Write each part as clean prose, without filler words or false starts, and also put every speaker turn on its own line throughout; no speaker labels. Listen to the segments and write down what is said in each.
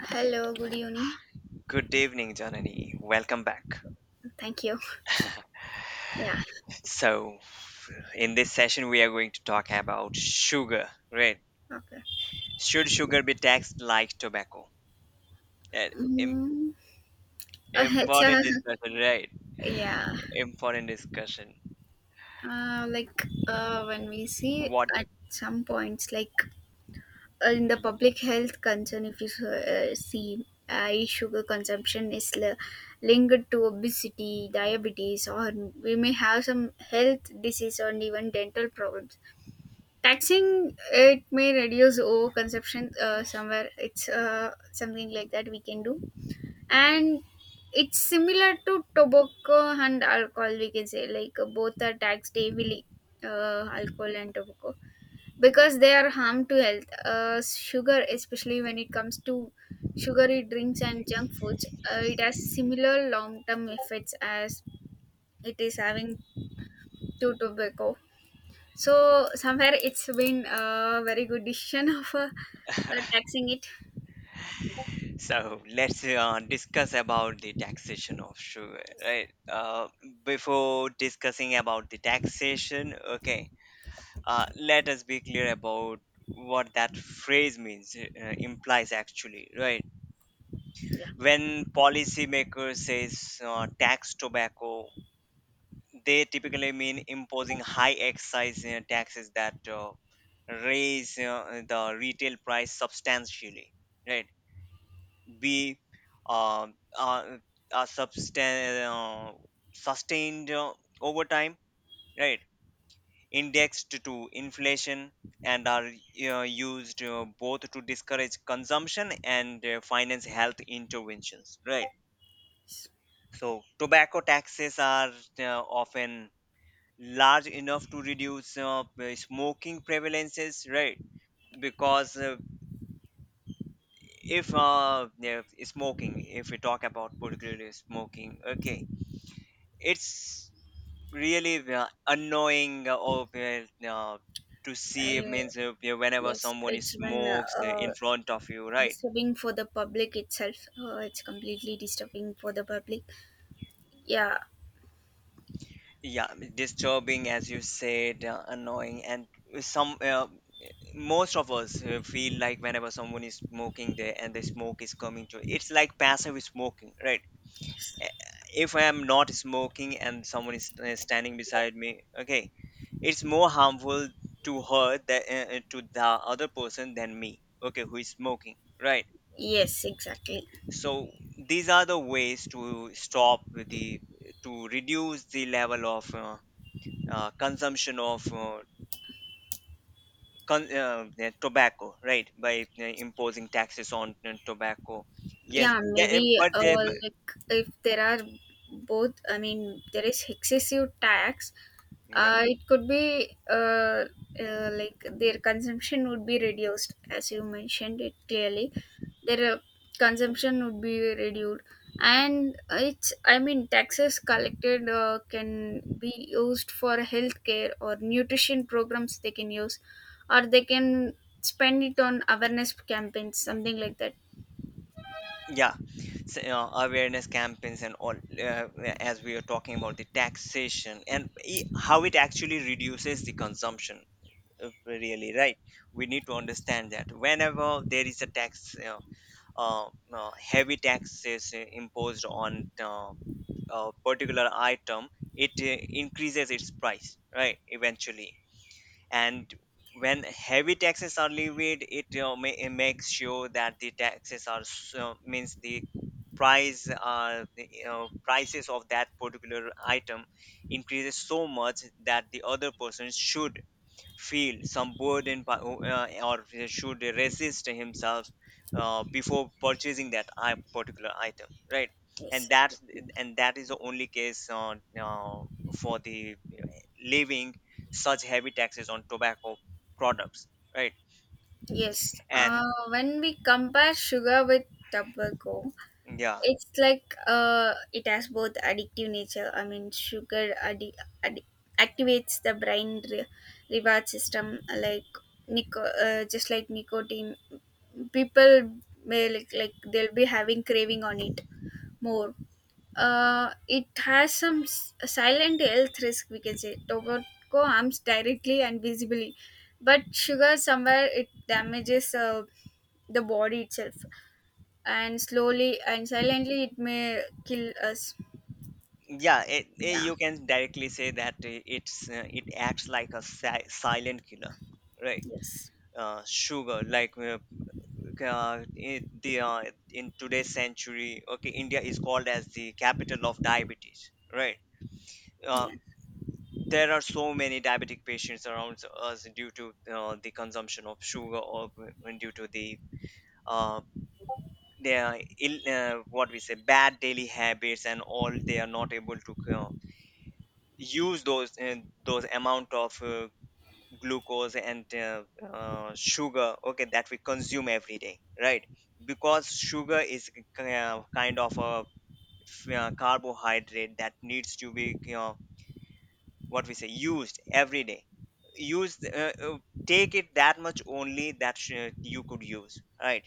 Hello, good evening.
Good evening, Janani. Welcome back.
Thank you. Yeah.
So, in this session, we are going to talk about sugar, right?
Okay.
Should sugar be taxed like tobacco? Uh, im-
Mm, it's,
Important discussion, right?
yeah.
Important discussion.
When we see
What?
at some points, in the public health concern, if you see high sugar consumption is linked to obesity, diabetes, or we may have some health disease or even dental problems. Taxing it may reduce overconsumption somewhere. It's Something like that we can do, and it's similar to tobacco and alcohol. We can say like both are taxed heavily, alcohol and tobacco, because they are harm to health. Sugar, especially when it comes to sugary drinks and junk foods, it has similar long term effects as it is having to tobacco. So somewhere it's been a very good decision of taxing it.
So, let's discuss about the taxation of sugar, right? Before discussing about the taxation, okay, let us be clear about what that phrase means, implies actually, right?
Yeah.
When policymakers says tax tobacco, they typically mean imposing high excise taxes that raise the retail price substantially, right? b um uh, a substan- uh, Sustained over time, right, indexed to inflation, and are used both to discourage consumption and finance health interventions, right. So tobacco taxes are often large enough to reduce smoking prevalences, right? Because if yeah, smoking, if we talk about particularly smoking, okay, it's really annoying, to see. It
I,
means whenever
yes,
someone
it's been
smokes
uh,
in front of you, right?
disturbing for the public itself. It's completely disturbing for the public. Yeah.
Yeah, disturbing as you said, annoying, and some most of us feel like whenever someone is smoking there and the smoke is coming to, it's like passive smoking, right. Eh, if I am not smoking and someone is standing beside me, okay, it's more harmful to her, that to the other person than me, okay, who is smoking, right.
Yes. Exactly.
So these are the ways to stop the, to reduce the level of consumption of yeah, tobacco, right? By imposing taxes on tobacco. Yes,
Yeah, maybe like if there are both, I mean, there is excessive tax,
yeah,
it could be like their consumption would be reduced. As you mentioned it clearly, their consumption would be reduced. And it's, I mean, taxes collected can be used for healthcare or nutrition programs, they can use, or they can spend it on awareness campaigns, something like that.
yeah. So, awareness campaigns and all, as we are talking about the taxation and how it actually reduces the consumption. Really, right, we need to understand that whenever there is a tax, heavy taxes imposed on a particular item, it increases its price, right, eventually. And when heavy taxes are levied, it it makes sure that the taxes are so, means the prices of that particular item increases so much that the other person should feel some burden, or should resist himself before purchasing that particular item, right. and
Yes.
that's and that is the only case uh, for the leaving such heavy taxes on tobacco products, right.
Yes,
And
when we compare sugar with tobacco,
yeah,
it's like it has both addictive nature. I mean, sugar addi- activates the brain reward system, like just like nicotine. People may like they'll be having craving on it more. It has some silent health risk, we can say. Tobacco harms directly and visibly, but sugar somewhere it damages the body itself, and slowly and silently it may kill us.
yeah,
Yeah.
you can directly say that it acts like a silent killer, right.
Yes.
Sugar like Okay, in today's century, okay, India is called as the capital of diabetes, right.
Yeah.
Um, there are so many diabetic patients around us due to the consumption of sugar, or when due to the uh, their ill, what we say bad daily habits and all, they are not able to use those amount of glucose and sugar, okay, that we consume every day, right. Because sugar is kind of a carbohydrate that needs to be, you know, what we say used every day. Use take it that much only that you could use, right.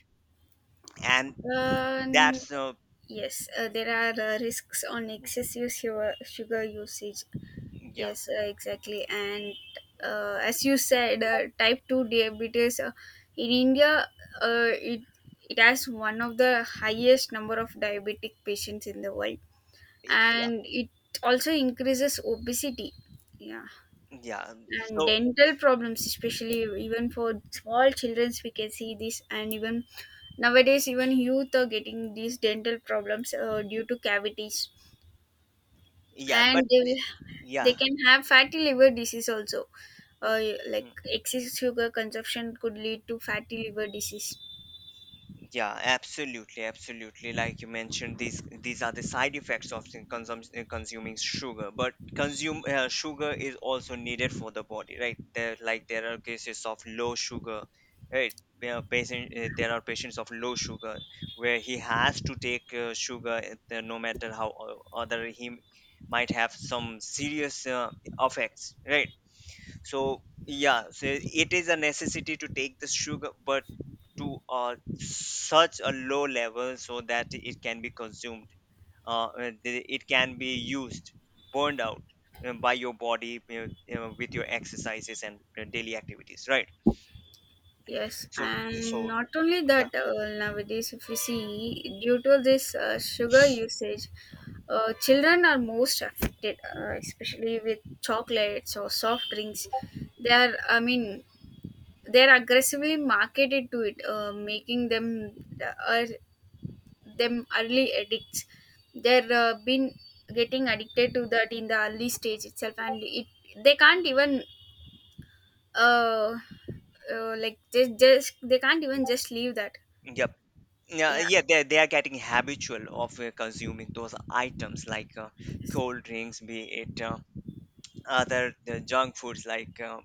and
um,
that's
yes, there are risks on excessive sugar, sugar usage.
Yeah,
Yes, exactly. And as you said, type 2 diabetes in India, uh, it, it has one of the highest number of diabetic patients in the world.
yeah,
And it also increases obesity. Yeah.
yeah,
And
so
dental problems, especially even for small children, we can see this. And even nowadays, even youth are getting these dental problems due to cavities,
yeah, but
and they will, they
yeah.
can have fatty liver disease also. uh, like excess sugar consumption could lead to fatty liver disease.
Yeah, absolutely, absolutely. Like you mentioned, these are the side effects of the consumption consuming sugar. But consume sugar is also needed for the body, right? There are cases of low sugar, right? There are patients of low sugar where he has to take sugar, no matter how o- other he m- might have some serious effects, right? So yeah, so it is a necessity to take the sugar, but to such a low level so that it can be consumed. It can be used, burned out by your body, you know, with your exercises and daily activities, right?
Yes,
So
and
so
not only
yeah,
that, nowadays if we see, due to this sugar usage, children are most affected, especially with chocolates or soft drinks. They are, I mean, they're aggressively marketed to it, making them uh, them early addicts. They're been getting addicted to that in the early stage itself, and it, they can't even uh, like, just they can't even just leave that.
yep. Yeah,
Yeah.
yeah, they are getting habitual of consuming those items like
Yes.
cold drinks, be it other junk foods like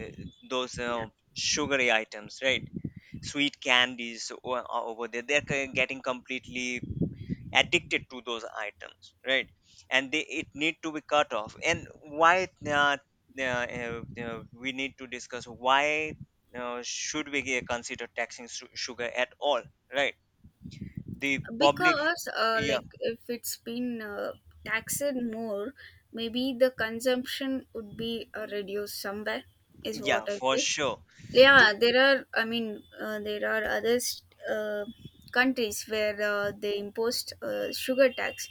uh, those
Yeah,
sugary items, right, sweet candies are over there. They're getting completely addicted to those items, right, and they it need to be cut off. And why we need to discuss why should we consider taxing sugar at all, right, the public.
because
Yeah,
like if it's been taxed more, maybe the consumption would be reduced somewhere, is
yeah,
what I
for
feel.
sure. To
Yeah, there are, I mean, there are other countries where they imposed sugar tax.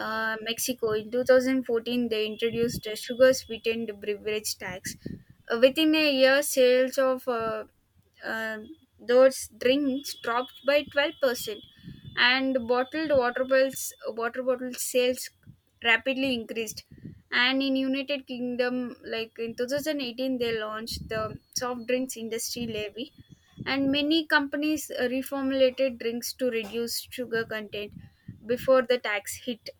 mm.
Mexico, in 2014 they introduced a sugar sweetened beverage tax. Within a year, sales of uh, those drinks dropped by 12%, and bottled water bottle sales rapidly increased. And in United Kingdom, like in 2018, they launched the soft drinks industry levy, and many companies reformulated drinks to reduce sugar content before the tax hit.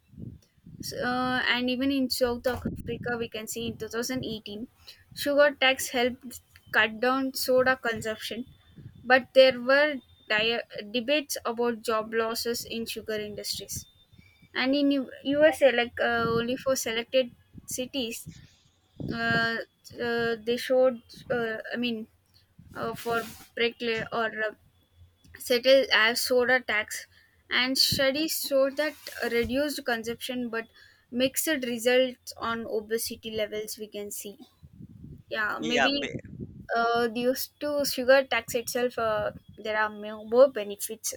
So, and even in South Africa, we can see in 2018, sugar tax helped cut down soda consumption, but there were debates about job losses in sugar industries. And in USA, like only for selected cities, uh, they showed uh, i mean for bricklay or settle as soda tax, and studies show that reduced consumption, but mixed results on obesity levels we can see. Yeah,
Yeah.
maybe due to sugar tax itself, there are more benefits.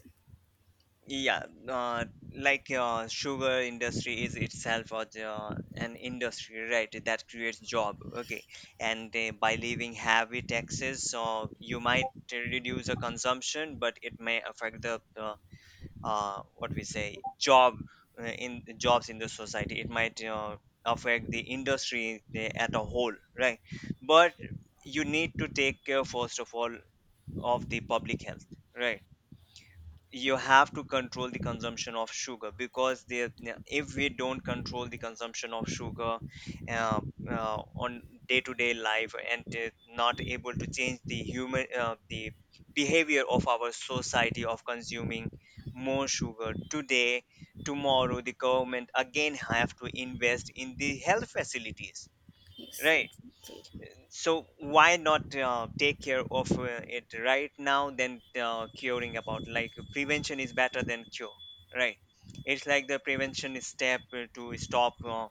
Yeah, sugar industry is itself a an industry, right, that creates job. Okay, and by leaving heavy taxes, you might reduce the consumption, but it may affect the what we say jobs in the society. It might affect the industry at a whole, right? But you need to take care, first of all, of the public health, right? You have to control the consumption of sugar, because they, if we don't control the consumption of sugar uh, on day-to-day life and not able to change the human the behavior of our society of consuming more sugar today, tomorrow the government again have to invest in the health facilities,
Yes,
right.
exactly.
So why not take care of it right now than curing about? Like prevention is better than cure, right? It's like the prevention is step to stop uh,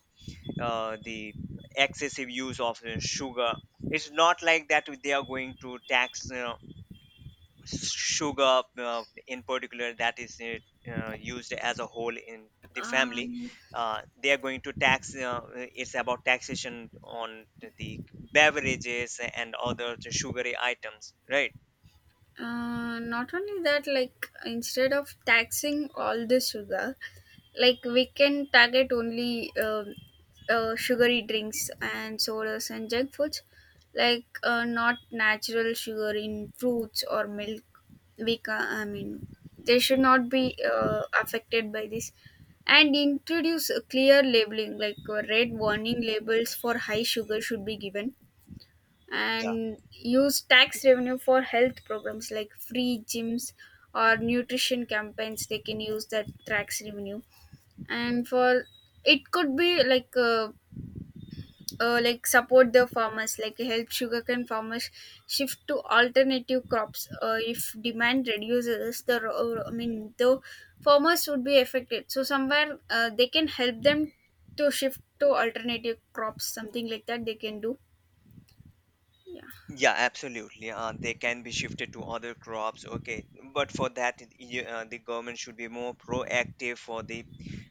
uh, the excessive use of sugar. It's not like that they are going to tax sugar in particular that is used as a whole in the family.
um,
They are going to tax, it's about taxation on the beverages and other sugary items, right.
Not only that, like instead of taxing all the sugar, like we can target only sugary drinks and sodas and junk foods, like not natural sugar in fruits or milk. We I mean, they should not be affected by this. And introduce a clear labeling, like red warning labels for high sugar should be given,
Yeah,
and use tax revenue for health programs like free gyms or nutrition campaigns, they can use that tax revenue. And for, it could be like support the farmers, like help sugarcane farmers shift to alternative crops. If demand reduces, I mean the farmers would be affected, so somewhere they can help them to shift to alternative crops, something like that they can do. Yeah.
yeah, absolutely, they can be shifted to other crops, okay. But for that, the government should be more proactive for the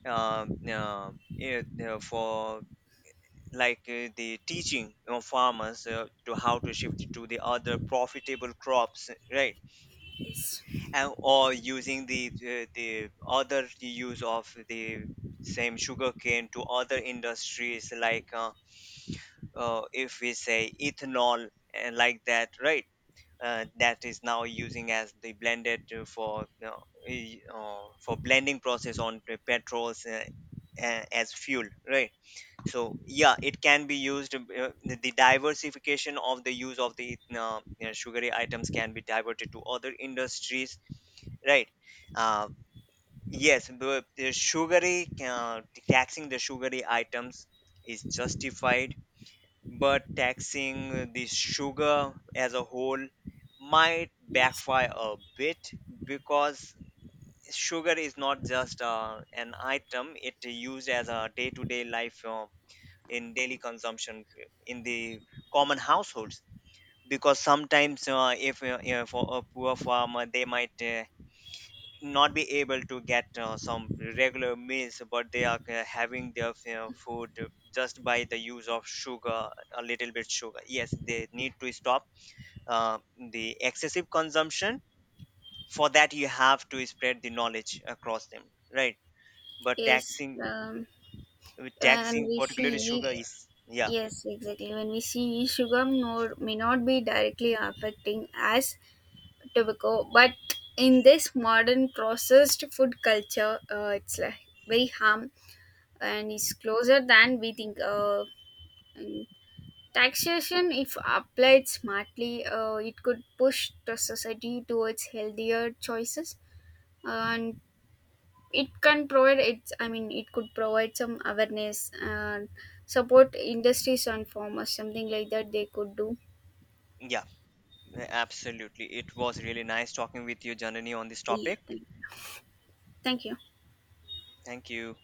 uh, uh, it, for like the teaching of farmers to how to shift to the other profitable crops, right.
Yes.
And or using the other use of the same sugarcane to other industries like if we say ethanol and like that, right. That is now using as the blended for, you know, for blending process on the petrols as fuel, right. So yeah, it can be used, the diversification of the use of the, you know, sugary items can be diverted to other industries, right. uh, yes, but the sugary taxing the sugary items is justified, but taxing the sugar as a whole might
Yes.
backfire a bit, because sugar is not just an item, it used as a day-to-day life in daily consumption in the common households. Because sometimes if you know, for a poor farmer, they might not be able to get some regular meals, but they are having their, you know, food just by the use of sugar, a little bit sugar. Yes, they need to stop uh, the excessive consumption. For that you have to spread the knowledge across them, right. But
Yes,
taxing
when
taxing
we
particularly
see,
sugar is, yeah,
yes, exactly. When we see, sugar node may not be directly affecting as tobacco. But in this modern processed food culture, it's like very harm and is closer than we think. And taxation, if applied smartly, it could push the society towards healthier choices, and it can provide, it's, I mean, it could provide some awareness and support industries and farmers, something like that they could do.
yeah. Absolutely. It was really nice talking with you, Janani, on this
Yeah,
topic.
thank you.
Thank you.